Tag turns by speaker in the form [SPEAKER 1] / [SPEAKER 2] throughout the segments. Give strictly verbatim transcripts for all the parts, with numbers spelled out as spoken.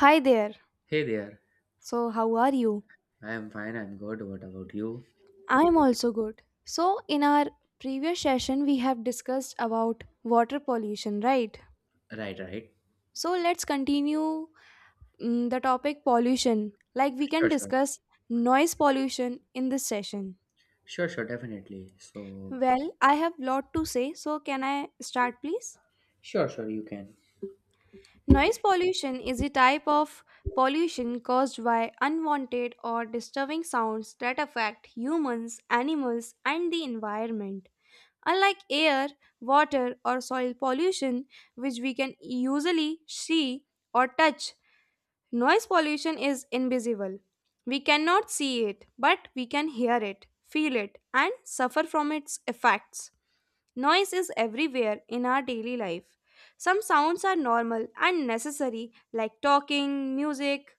[SPEAKER 1] Hi there.
[SPEAKER 2] Hey there.
[SPEAKER 1] So, how are you?
[SPEAKER 2] I am fine. I'm good. What about you?
[SPEAKER 1] I'm also good. So, in our previous session, we have discussed about water pollution, right?
[SPEAKER 2] Right, right.
[SPEAKER 1] So, let's continue mm, the topic pollution. Like, we can
[SPEAKER 2] Sure, sure.
[SPEAKER 1] discuss noise pollution in this session.
[SPEAKER 2] Sure, sure, definitely. So,
[SPEAKER 1] Well, I have lot to say. So, can I start, please?
[SPEAKER 2] sure, sure, you can.
[SPEAKER 1] Noise pollution is a type of pollution caused by unwanted or disturbing sounds that affect humans, animals, and the environment. Unlike air, water, or soil pollution, which we can usually see or touch, noise pollution is invisible. We cannot see it, but we can hear it, feel it, and suffer from its effects. Noise is everywhere in our daily life. Some sounds are normal and necessary, like talking, music,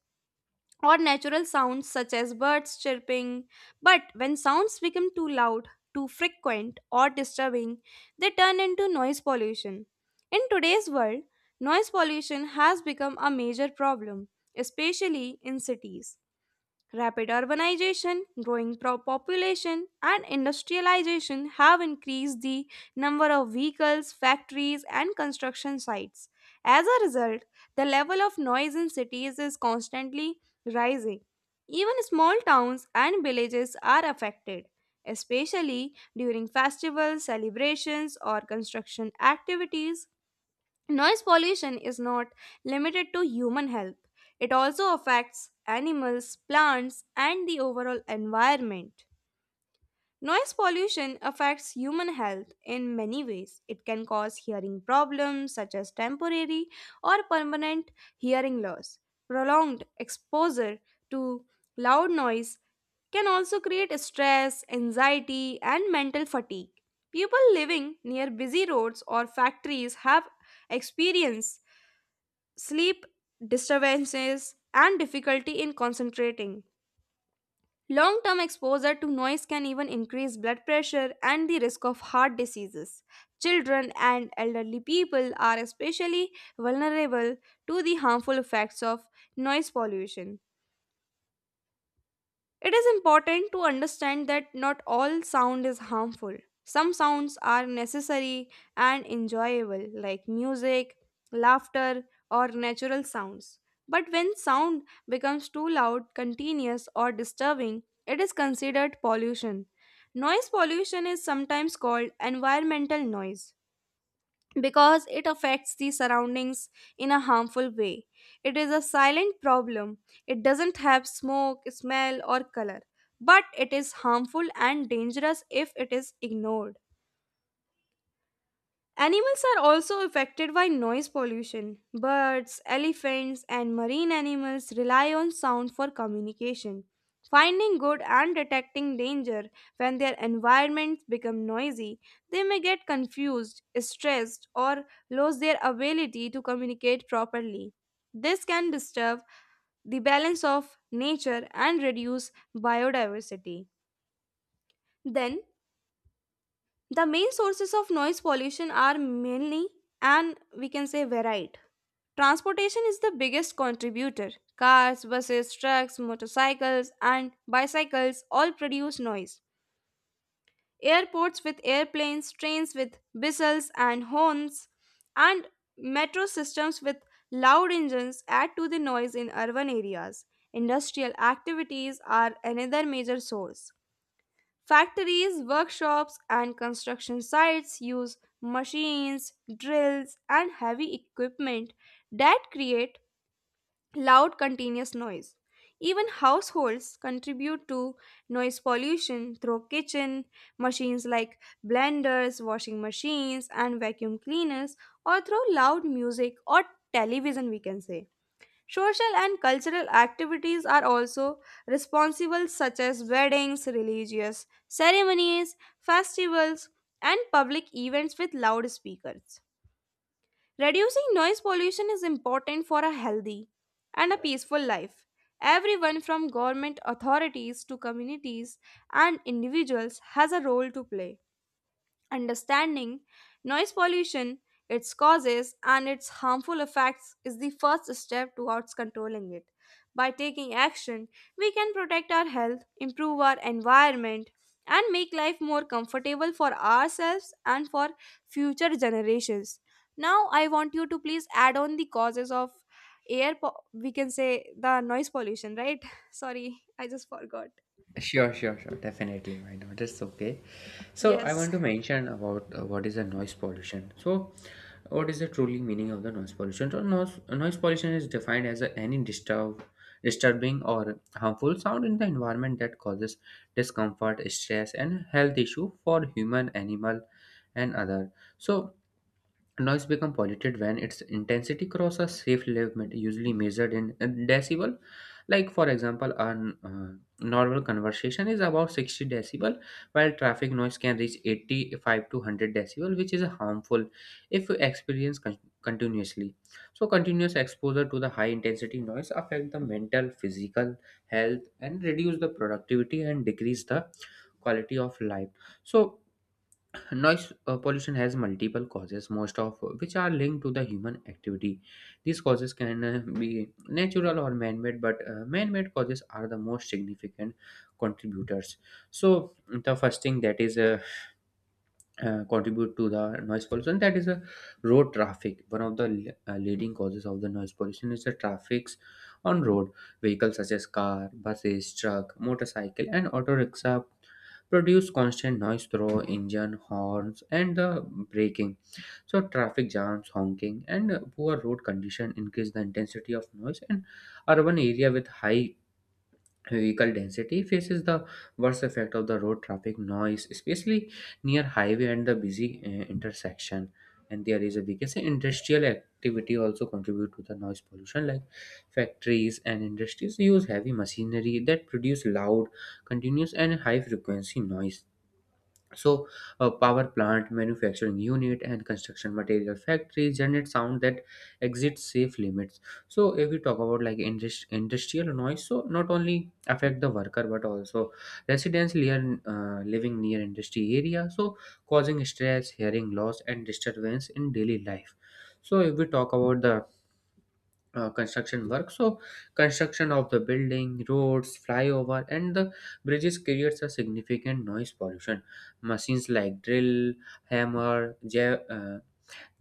[SPEAKER 1] or natural sounds such as birds chirping. But when sounds become too loud, too frequent, or disturbing, they turn into noise pollution. In today's world, noise pollution has become a major problem, especially in cities. Rapid urbanization, growing pro- population, and industrialization have increased the number of vehicles, factories, and construction sites. As a result, the level of noise in cities is constantly rising. Even small towns and villages are affected, especially during festivals, celebrations, or construction activities. Noise pollution is not limited to human health, it also affects animals, plants, and the overall environment. Noise pollution affects human health in many ways. It can cause hearing problems such as temporary or permanent hearing loss. Prolonged exposure to loud noise can also create stress, anxiety, and mental fatigue. People living near busy roads or factories have experienced sleep disturbances, and difficulty in concentrating. Long term exposure to noise can even increase blood pressure and the risk of heart diseases. Children and elderly people are especially vulnerable to the harmful effects of noise pollution. It is important to understand that not all sound is harmful. Some sounds are necessary and enjoyable, like music, laughter, or natural sounds. But when sound becomes too loud, continuous, or disturbing, it is considered pollution. Noise pollution is sometimes called environmental noise because it affects the surroundings in a harmful way. It is a silent problem. It doesn't have smoke, smell, or color, but it is harmful and dangerous if it is ignored. Animals are also affected by noise pollution. Birds, elephants, and marine animals rely on sound for communication. Finding good and detecting danger when their environments become noisy, they may get confused, stressed, or lose their ability to communicate properly. This can disturb the balance of nature and reduce biodiversity. Then, the main sources of noise pollution are mainly, and we can say, varied. Transportation is the biggest contributor. Cars, buses, trucks, motorcycles, and bicycles all produce noise. Airports with airplanes, trains with whistles and horns, and metro systems with loud engines add to the noise in urban areas. Industrial activities are another major source. Factories, workshops, and construction sites use machines, drills, and heavy equipment that create loud continuous noise. Even households contribute to noise pollution through kitchen machines like blenders, washing machines, and vacuum cleaners, or through loud music or television, we can say. Social and cultural activities are also responsible, such as weddings, religious ceremonies, festivals, and public events with loudspeakers. Reducing noise pollution is important for a healthy and a peaceful life. Everyone from government authorities to communities and individuals has a role to play. Understanding noise pollution, its causes, and its harmful effects is the first step towards controlling it. By taking action, we can protect our health, improve our environment, and make life more comfortable for ourselves and for future generations. Now, I want you to please add on the causes of air, po- we can say the noise pollution, right? Sorry, I just forgot.
[SPEAKER 2] Sure, sure, sure, definitely. Why not? It's okay. So, I
[SPEAKER 1] Yes,
[SPEAKER 2] want to mention about uh, what is a noise pollution. So, what is the truly meaning of the noise pollution? So, noise, noise pollution is defined as a, any disturb, disturbing or harmful sound in the environment that causes discomfort, stress, and health issue for human, animal, and other. So, noise becomes polluted when its intensity crosses a safe limit, usually measured in uh, decibel. Like for example, a uh, normal conversation is about sixty decibel, while traffic noise can reach eighty-five to one hundred decibel, which is harmful if experienced con- continuously. So, continuous exposure to the high intensity noise affect the mental, physical health, and reduce the productivity and decrease the quality of life. So noise uh, pollution has multiple causes, most of which are linked to the human activity. These causes can uh, be natural or man made, but uh, man made causes are the most significant contributors. So, the first thing that is uh, uh, contribute to the noise pollution, that is a road traffic. One of the le- uh, leading causes of the noise pollution is the traffics on road. Vehicles such as car, buses, truck, motorcycle, and auto rickshaw produce constant noise through engine, horns, and the braking. So traffic jams, honking, and uh, poor road condition increase the intensity of noise, and urban area with high vehicle density faces the worst effect of the road traffic noise, especially near highway and the busy uh, intersection. And there is, a we can say, industrial activity also contribute to the noise pollution, like factories and industries use heavy machinery that produce loud, continuous, and high frequency noise. So, a power plant, manufacturing unit, and construction material factory generate sound that exceeds safe limits. So, if we talk about like indus- industrial noise, so not only affect the worker but also residents near, uh, living near industry area, so causing stress, hearing loss, and disturbance in daily life. So, if we talk about the uh, construction work, so construction of the building, roads, flyover, and the bridges creates a significant noise pollution. Machines like drill, hammer, ja- uh,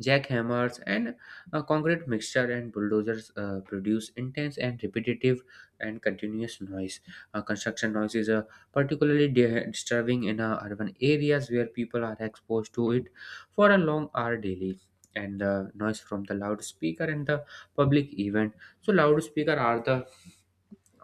[SPEAKER 2] jackhammers, and a concrete mixture and bulldozers uh, produce intense and repetitive and continuous noise. Uh, construction noise is uh, particularly di- disturbing in uh, urban areas where people are exposed to it for a long hour daily. And the noise from the loudspeaker and the public event. So loudspeaker are the,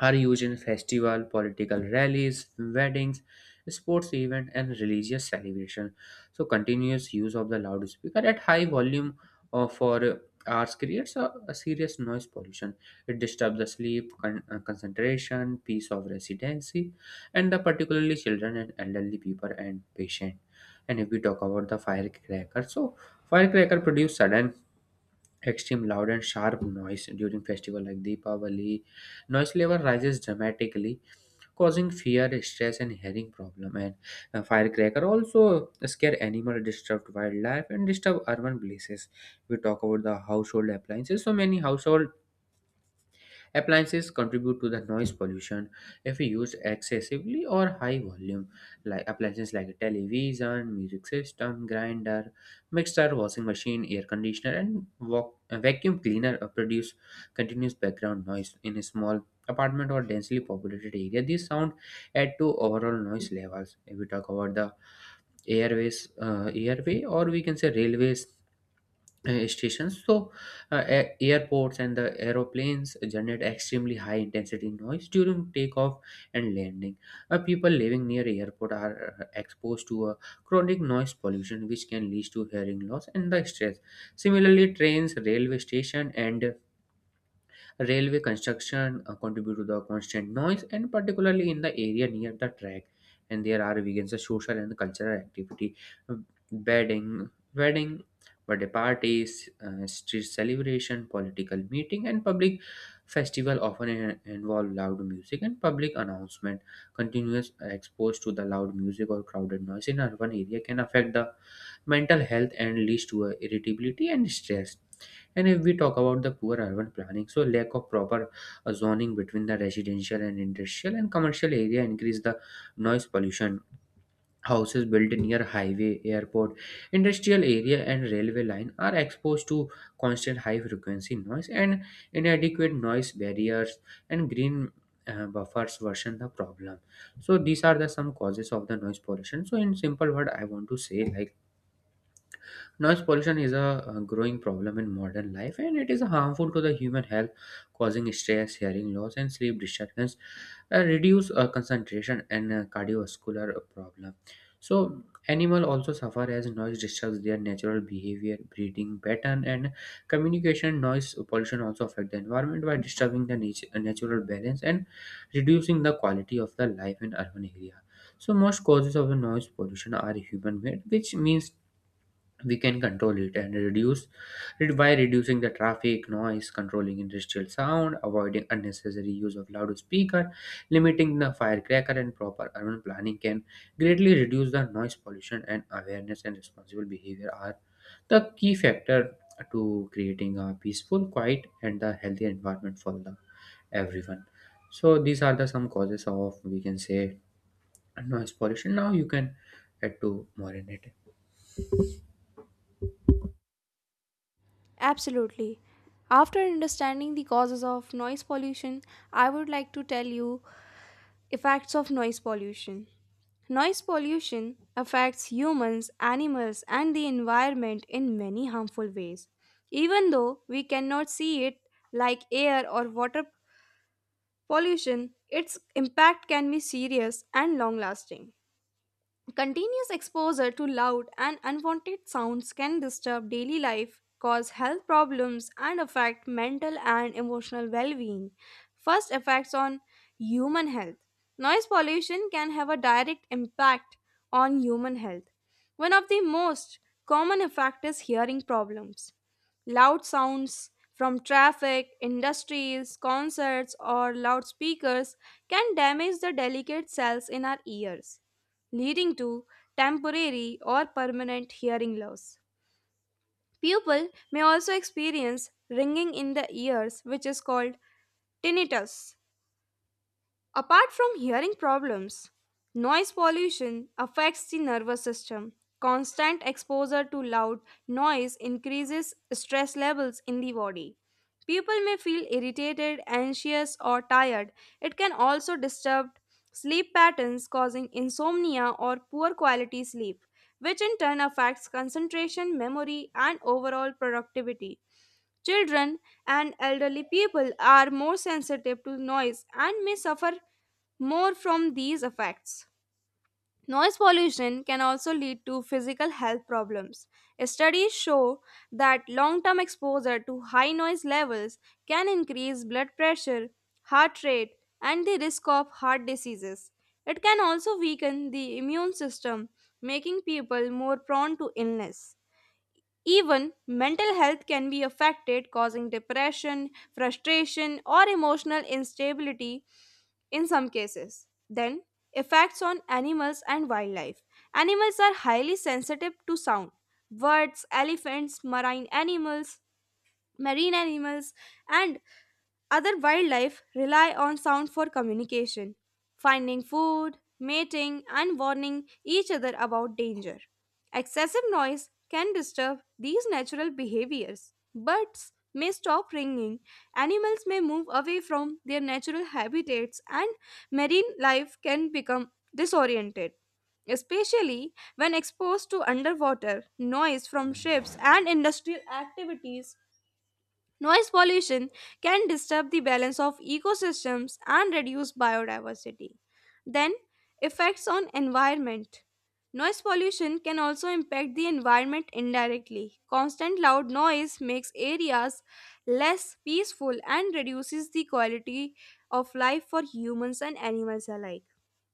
[SPEAKER 2] are used in festival, political rallies, weddings, sports event, and religious celebration. So continuous use of the loudspeaker at high volume uh, for uh, hours creates a, a serious noise pollution. It disturbs the sleep, con- uh, concentration, peace of residency, and the particularly children and elderly people and patient. And if we talk about the firecracker, so firecracker produce sudden extreme loud and sharp noise during festival like Deepavali. Noise level rises dramatically, causing fear, stress, and hearing problem. And uh, firecracker also scare animal, disrupt wildlife, and disturb urban places. We talk about the household appliances. So many household appliances contribute to the noise pollution if used excessively or high volume. Like appliances like television, music system, grinder, mixer, washing machine, air conditioner, and vac- uh, vacuum cleaner uh, produce continuous background noise in a small apartment or densely populated area. This sound add to overall noise levels. If we talk about the airways, uh, airway, or we can say railways uh, stations. So, uh, a- airports and the aeroplanes generate extremely high intensity noise during takeoff and landing. Uh, people living near airport are uh, exposed to a chronic noise pollution, which can lead to hearing loss and the stress. Similarly, trains, railway station, and railway construction uh, contribute to the constant noise, and particularly in the area near the track. And there are weekends, a social and cultural activity, uh, bedding, wedding, birthday parties, uh, street celebration, political meeting, and public festival often in- involve loud music and public announcement. Continuous exposure to the loud music or crowded noise in urban area can affect the mental health and leads to uh, irritability and stress. And if we talk about the poor urban planning, so lack of proper uh, zoning between the residential and industrial and commercial area increase the noise pollution. Houses built near highway, airport, industrial area, and railway line are exposed to constant high frequency noise, and inadequate noise barriers and green uh, buffers worsen the problem. So these are the some causes of the noise pollution. So in simple word, I want to say like noise pollution is a, a growing problem in modern life, and it is harmful to the human health, causing stress, hearing loss, and sleep disturbance, uh, reduce uh, concentration and uh, cardiovascular problem. So, animal also suffer as noise disturbs their natural behavior, breathing pattern, and communication. Noise pollution also affect the environment by disturbing the nat- uh, natural balance and reducing the quality of the life in urban area. So most causes of the noise pollution are human made, which means we can control it and reduce it by reducing the traffic noise, controlling industrial sound, avoiding unnecessary use of loudspeaker, limiting the firecracker, and proper urban planning can greatly reduce the noise pollution. And awareness and responsible behavior are the key factor to creating a peaceful, quiet, and the healthy environment for the everyone. So these are the some causes of, we can say, noise pollution. Now you can add to more in it.
[SPEAKER 1] absolutely. After understanding the causes of noise pollution, I would like to tell you effects of noise pollution. Noise pollution affects humans, animals, and the environment in many harmful ways. Even though we cannot see it like air or water pollution, its impact can be serious and long lasting. Continuous exposure to loud and unwanted sounds can disturb daily life, cause health problems, and affect mental and emotional well being. First, effects on human health. Noise pollution can have a direct impact on human health. One of the most common effects is hearing problems. Loud sounds from traffic, industries, concerts, or loudspeakers can damage the delicate cells in our ears, leading to temporary or permanent hearing loss. People may also experience ringing in the ears, which is called tinnitus. Apart from hearing problems, noise pollution affects the nervous system. Constant exposure to loud noise increases stress levels in the body. People may feel irritated, anxious, or tired. It can also disturb sleep patterns, causing insomnia or poor quality sleep, which in turn affects concentration, memory, and overall productivity. Children and elderly people are more sensitive to noise and may suffer more from these effects. Noise pollution can also lead to physical health problems. Studies show that long term exposure to high noise levels can increase blood pressure, heart rate, and the risk of heart diseases. It can also weaken the immune system, making people more prone to illness. Even mental health can be affected, causing depression, frustration, or emotional instability in some cases. Then, effects on animals and wildlife. Animals are highly sensitive to sound. Birds, elephants, marine animals, marine animals, and other wildlife rely on sound for communication, finding food, mating, and warning each other about danger. Excessive noise can disturb these natural behaviors. Birds may stop ringing, animals may move away from their natural habitats, and marine life can become disoriented, especially when exposed to underwater noise from ships and industrial activities. Noise pollution can disturb the balance of ecosystems and reduce biodiversity. Then, effects on environment. Noise pollution can also impact the environment indirectly. Constant loud noise makes areas less peaceful and reduces the quality of life for humans and animals alike.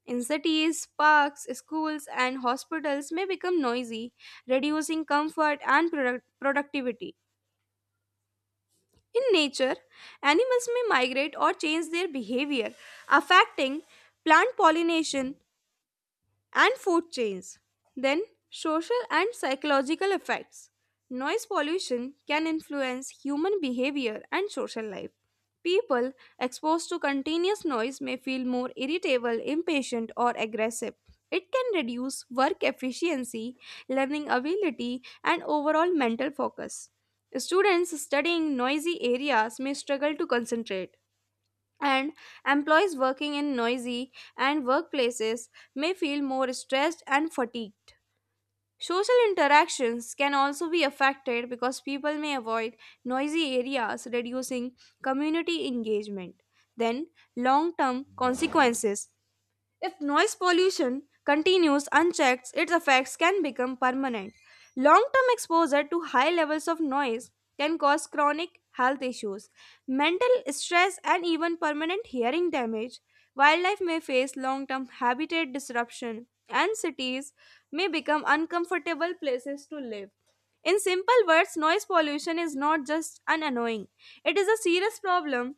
[SPEAKER 1] In cities, parks, schools, and hospitals may become noisy, reducing comfort and product- productivity. In nature, animals may migrate or change their behavior, affecting plant pollination, and food chains. Then, social and psychological effects. Noise pollution can influence human behavior and social life. People exposed to continuous noise may feel more irritable, impatient, or aggressive. It can reduce work efficiency, learning ability, and overall mental focus. Students studying noisy areas may struggle to concentrate, and employees working in noisy and workplaces may feel more stressed and fatigued. Social interactions can also be affected because people may avoid noisy areas, reducing community engagement. Then, long term consequences. If noise pollution continues unchecked, its effects can become permanent. Long term exposure to high levels of noise can cause chronic health issues, mental stress, and even permanent hearing damage. Wildlife may face long term habitat disruption, and cities may become uncomfortable places to live. In simple words, noise pollution is not just an annoying, it is a serious problem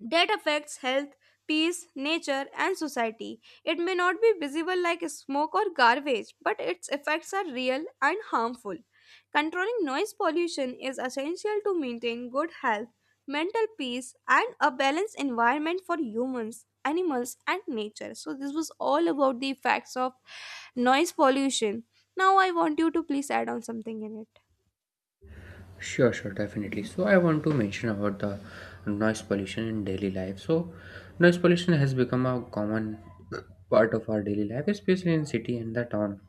[SPEAKER 1] that affects health, peace, nature, and society. It may not be visible like smoke or garbage, but its effects are real and harmful. Controlling noise pollution is essential to maintain good health, mental peace, and a balanced environment for humans, animals, and nature. So, this was all about the effects of noise pollution. Now, I want you to please add on something in it.
[SPEAKER 2] Sure, sure, definitely. So I want to mention about the noise pollution in daily life. So noise pollution has become a common part of our daily life, especially in city and the town.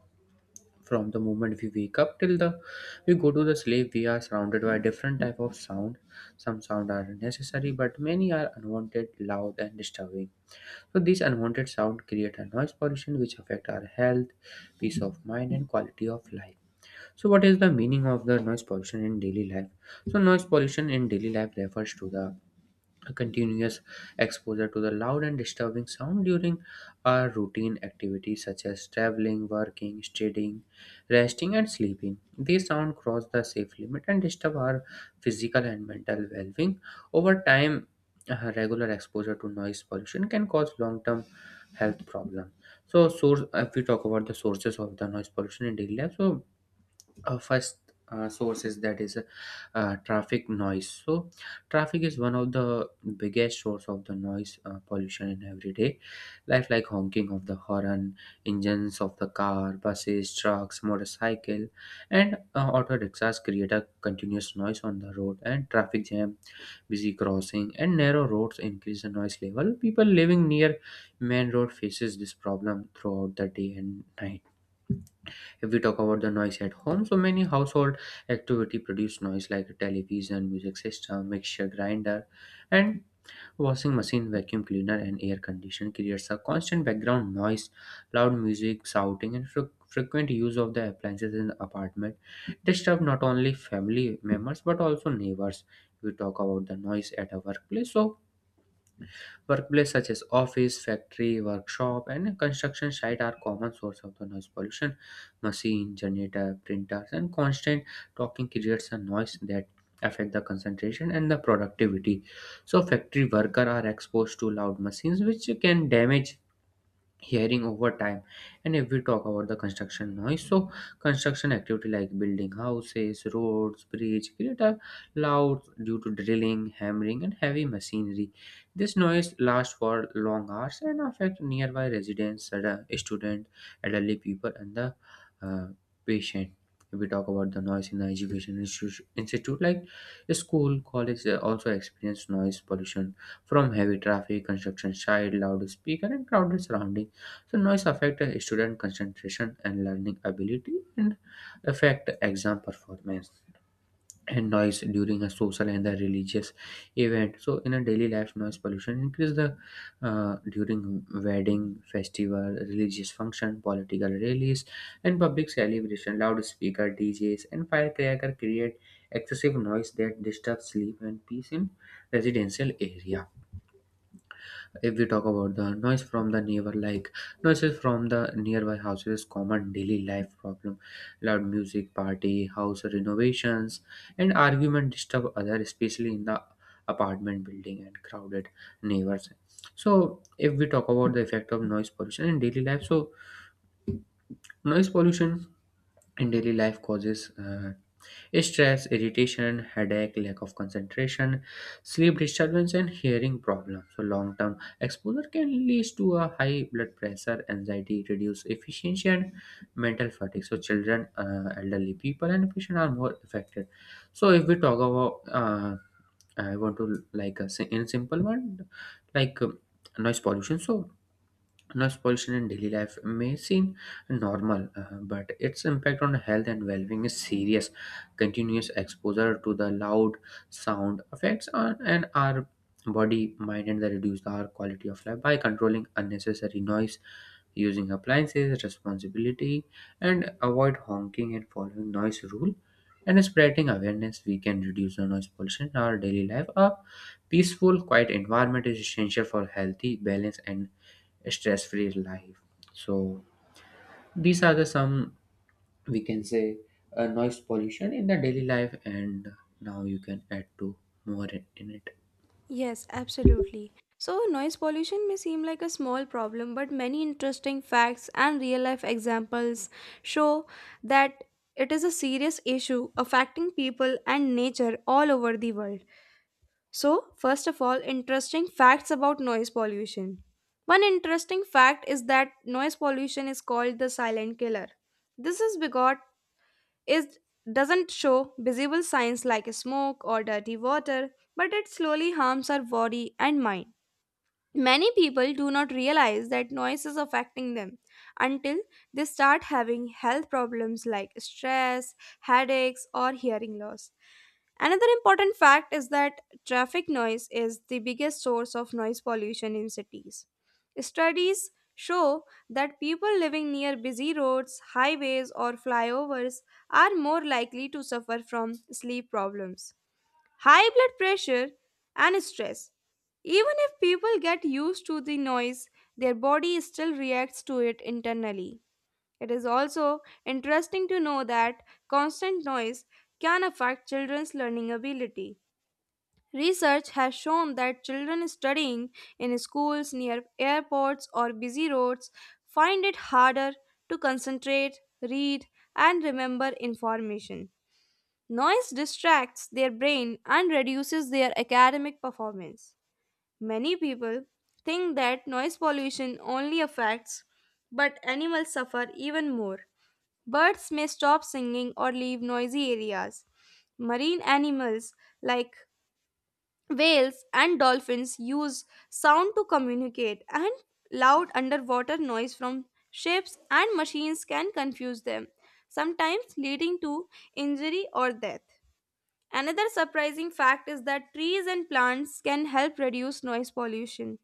[SPEAKER 2] From the moment we wake up till the we go to the sleep, we are surrounded by different type of sound. Some sound are necessary, but many are unwanted, loud, and disturbing. So these unwanted sound create a noise pollution, which affect our health, peace of mind, and quality of life. So, what is the meaning of the noise pollution in daily life? So, noise pollution in daily life refers to the continuous exposure to the loud and disturbing sound during our routine activities such as traveling, working, studying, resting, and sleeping. These sound cross the safe limit and disturb our physical and mental well being. Over time, uh, regular exposure to noise pollution can cause long term health problems. So, source, if we talk about the sources of the noise pollution in daily life, so uh, first uh, source is that is uh, uh, traffic noise. So traffic is one of the biggest source of the noise uh, pollution in everyday life, like honking of the horn, engines of the car, buses, trucks, motorcycle, and uh, auto rickshaws create a continuous noise on the road. And traffic jam, busy crossing, and narrow roads increase the noise level. People living near main road faces this problem throughout the day and night. If we talk about the noise at home, so many household activity produce noise like television, music system, mixture grinder, and washing machine, vacuum cleaner, and air conditioner creates a constant background noise. Loud music, shouting, and fre- frequent use of the appliances in the apartment disturb not only family members but also neighbors. We talk about the noise at a workplace, so workplace such as office, factory, workshop, and construction site are common source of the noise pollution. Machine, generator, printers, and constant talking creates a noise that affect the concentration and the productivity. So factory workers are exposed to loud machines which can damage hearing over time. And if we talk about the construction noise, so construction activity like building houses, roads, bridge create a loud due to drilling, hammering, and heavy machinery. This noise lasts for long hours and affect nearby residents, stud- student, elderly people, and the uh, patient. If we talk about the noise in the education institu- institute like school, college, they also experience noise pollution from heavy traffic, construction site, loudspeaker, and crowded surrounding. So noise affect a student concentration and learning ability and affect exam performance. And noise during a social and the religious event. So in a daily life, noise pollution increase the, uh, during wedding, festival, religious function, political rallies, and public celebration. Loudspeaker, D Js, and firecracker create excessive noise that disturbs sleep and peace in residential area. If we talk about the noise from the neighbor, like noises from the nearby houses, is common daily life problem. Loud music, party, house renovations, and argument disturb others, especially in the apartment building and crowded neighbors. So, if we talk about the effect of noise pollution in daily life, so noise pollution in daily life causes uh, stress, irritation, headache, lack of concentration, sleep disturbance, and hearing problems. So long-term exposure can lead to a high blood pressure, anxiety, reduced efficiency, and mental fatigue. So children, uh, elderly people, and patients are more affected. So if we talk about uh, I want to like a, si- in simple one like um, noise pollution. So noise pollution in daily life may seem normal, uh, but its impact on health and well-being is serious. Continuous exposure to the loud sound affects on and our body, mind, and they reduce our quality of life by controlling unnecessary noise, using appliances, responsibility, and avoid honking and following noise rule. And spreading awareness, we can reduce the noise pollution in our daily life. A peaceful, quiet environment is essential for healthy, balanced, and stress-free life. So these are the some we can say uh, noise pollution in the daily life, and now you can add to more in in it.
[SPEAKER 1] Yes, absolutely. So, noise pollution may seem like a small problem, but many interesting facts and real life examples show that it is a serious issue affecting people and nature all over the world. So, first of all, interesting facts about noise pollution. One interesting fact is that noise pollution is called the silent killer. This is because it doesn't show visible signs like smoke or dirty water, but it slowly harms our body and mind. Many people do not realize that noise is affecting them until they start having health problems like stress, headaches, or hearing loss. Another important fact is that traffic noise is the biggest source of noise pollution in cities. Studies show that people living near busy roads, highways, or flyovers are more likely to suffer from sleep problems, high blood pressure, and stress. Even if people get used to the noise, their body still reacts to it internally. It is also interesting to know that constant noise can affect children's learning ability. Research has shown that children studying in schools near airports or busy roads find it harder to concentrate, read, and remember information. Noise distracts their brain and reduces their academic performance. Many people think that noise pollution only affects, but animals suffer even more. Birds may stop singing or leave noisy areas. Marine animals like whales and dolphins use sound to communicate, and loud underwater noise from ships and machines can confuse them, sometimes leading to injury or death. Another surprising fact is that trees and plants can help reduce noise pollution.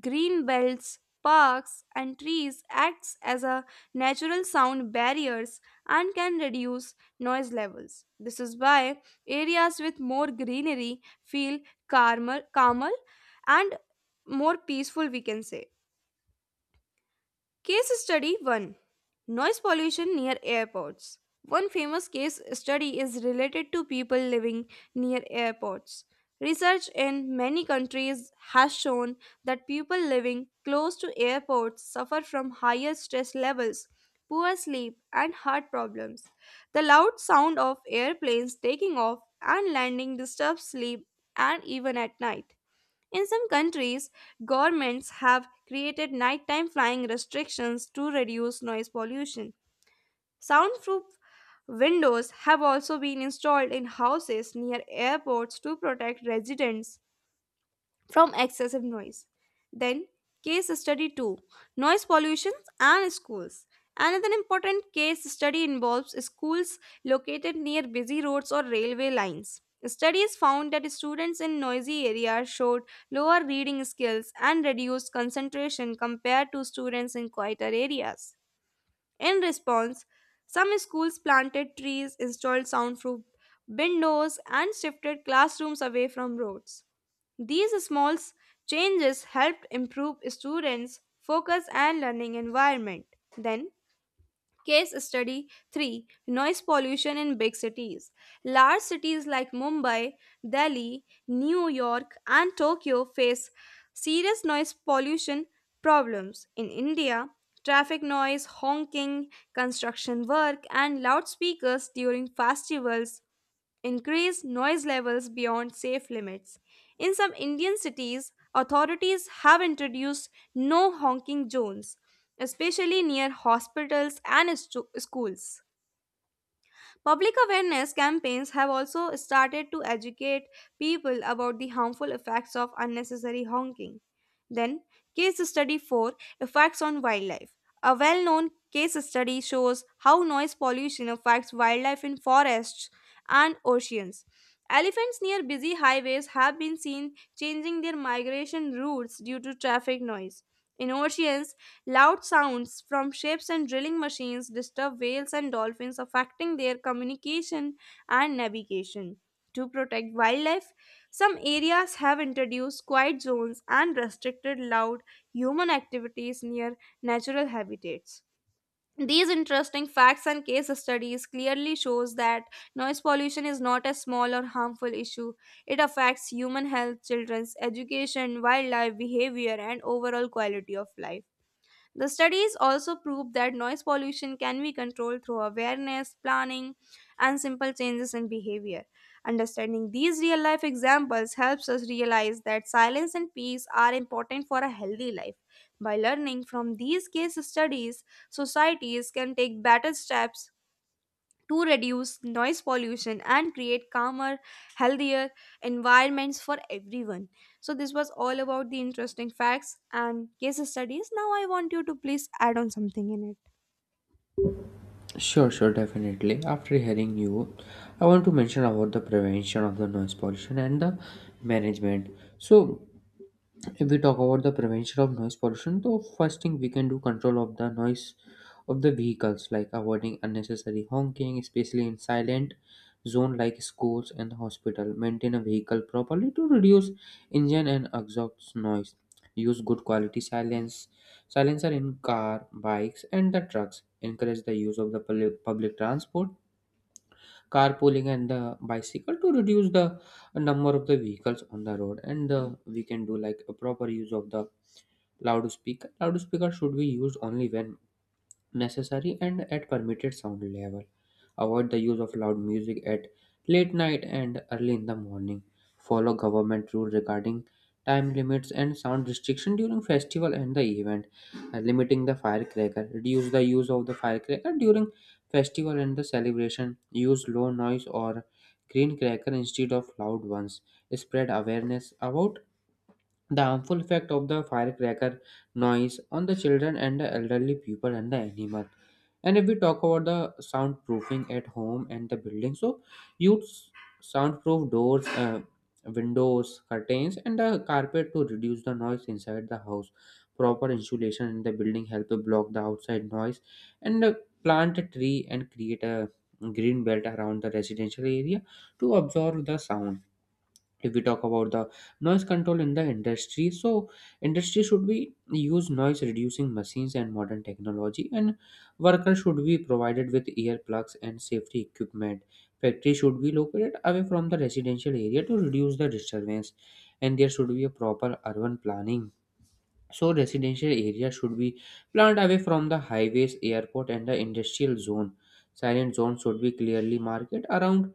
[SPEAKER 1] Green belts, parks, and trees acts as a natural sound barriers and can reduce noise levels. This is why areas with more greenery feel calmer, calmer and more peaceful, we can say. Case study one: noise pollution near airports. One famous case study is related to people living near airports. Research in many countries has shown that people living close to airports suffer from higher stress levels, poor sleep, and heart problems. The loud sound of airplanes taking off and landing disturbs sleep and even at night. In some countries, governments have created nighttime flying restrictions to reduce noise pollution. Soundproof windows have also been installed in houses near airports to protect residents from excessive noise. Then, case study two: noise pollution and schools. Another important case study involves schools located near busy roads or railway lines. Studies found that students in noisy areas showed lower reading skills and reduced concentration compared to students in quieter areas. In response, some schools planted trees, installed soundproof windows, and shifted classrooms away from roads. These small s- changes helped improve students' focus and learning environment. Then, case study three: noise pollution in big cities. Large cities like Mumbai, Delhi, New York, and Tokyo face serious noise pollution problems. In India, traffic noise, honking, construction work, and loudspeakers during festivals increased noise levels beyond safe limits. In some Indian cities, authorities have introduced no honking zones, especially near hospitals and stu- schools. Public awareness campaigns have also started to educate people about the harmful effects of unnecessary honking. Then, case study four: effects on wildlife. A well known case study shows how noise pollution affects wildlife in forests and oceans. Elephants near busy highways have been seen changing their migration routes due to traffic noise. In oceans, loud sounds from ships and drilling machines disturb whales and dolphins, affecting their communication and navigation. To protect wildlife, some areas have introduced quiet zones and restricted loud human activities near natural habitats. These interesting facts and case studies clearly shows that noise pollution is not a small or harmful issue. It affects human health, children's education, wildlife behavior and overall quality of life. The studies also prove that noise pollution can be controlled through awareness, planning, and simple changes in behavior. Understanding these real life examples helps us realize that silence and peace are important for a healthy life. By learning from these case studies, societies can take better steps to reduce noise pollution and create calmer, healthier environments for everyone. So, this was all about the interesting facts and case studies. Now, I want you to please add on something in it.
[SPEAKER 2] Sure, sure, definitely. After hearing you, I want to mention about the prevention of the noise pollution and the management. So, if we talk about the prevention of noise pollution, the first thing we can do control of the noise of the vehicles, like avoiding unnecessary honking, especially in silent zone like schools and hospital. Maintain a vehicle properly to reduce engine and exhaust noise. Use good quality silence Silencer in car, bikes, and the trucks. Encourage the use of the public public transport, carpooling, and the bicycle to reduce the number of the vehicles on the road. And uh, we can do like a proper use of the loudspeaker. Loudspeaker should be used only when necessary and at permitted sound level. Avoid the use of loud music at late night and early in the morning. Follow government rules regarding time limits and sound restriction during festival and the event. Uh, limiting the firecracker. Reduce the use of the firecracker during festival and the celebration. Use low noise or green cracker instead of loud ones. Spread awareness about the harmful effect of the firecracker noise on the children and the elderly people and the animal. And if we talk about the soundproofing at home and the building, so use soundproof doors, uh, windows, curtains, and the carpet to reduce the noise inside the house. Proper insulation in the building help to block the outside noise, and uh, plant a tree and create a green belt around the residential area to absorb the sound. If we talk about the noise control in the industry, so industry should be use noise reducing machines and modern technology, and workers should be provided with earplugs and safety equipment. Factory should be located away from the residential area to reduce the disturbance, and there should be a proper urban planning. So residential area should be planned away from the highways, airport, and the industrial zone. Silent zone should be clearly marked around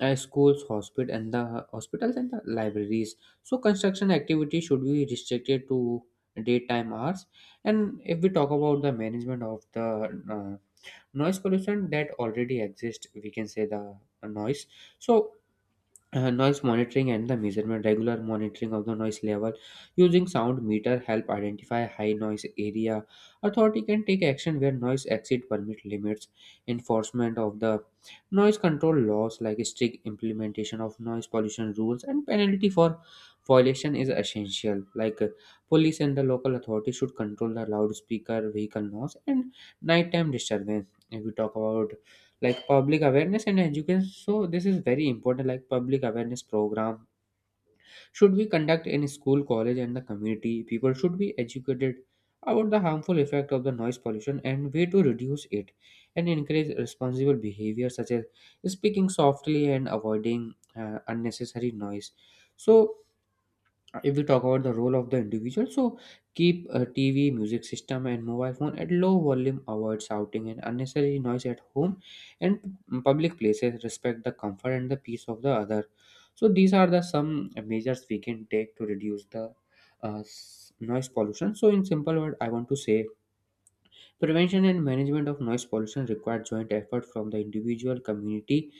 [SPEAKER 2] uh, schools, hospital, and the hospitals and the libraries. So construction activity should be restricted to daytime hours. And if we talk about the management of the uh, noise pollution that already exists, we can say the noise. So uh, noise monitoring and the measurement, regular monitoring of the noise level using sound meter help identify high noise area. Authority can take action where noise exceed permit limits. Enforcement of the noise control laws, like strict implementation of noise pollution rules and penalty for violation is essential, like uh, police and the local authorities should control the loudspeaker, vehicle noise, and nighttime disturbance. If we talk about like public awareness and education, so this is very important. Like public awareness program should be conduct in school, college, and the community. People should be educated about the harmful effect of the noise pollution and way to reduce it, and encourage responsible behavior such as speaking softly and avoiding uh, unnecessary noise. So uh, if we talk about the role of the individual, so keep a TV, music system, and mobile phone at low volume. Avoid shouting and unnecessary noise at home and p- public places. Respect the comfort and the peace of the other. So these are the some measures we can take to reduce the uh, s- noise pollution. So in simple word I want to say, prevention and management of noise pollution require joint effort from the individual, community,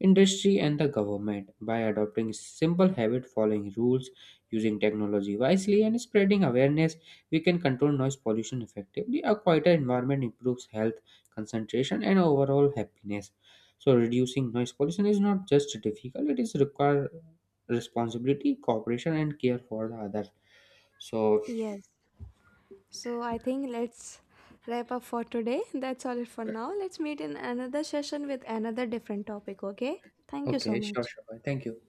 [SPEAKER 2] industry, and the government. By adopting simple habit, following rules, using technology wisely, and spreading awareness, we can control noise pollution effectively. A quieter environment improves health, concentration, and overall happiness. So, reducing noise pollution is not just difficult; it is require responsibility, cooperation, and care for the others. So,
[SPEAKER 1] Yes. So, I think let's wrap up for today. That's all it for now. Let's meet in another session with another different topic, okay? Thank you so
[SPEAKER 2] okay, sure,
[SPEAKER 1] much.
[SPEAKER 2] sure. Thank you.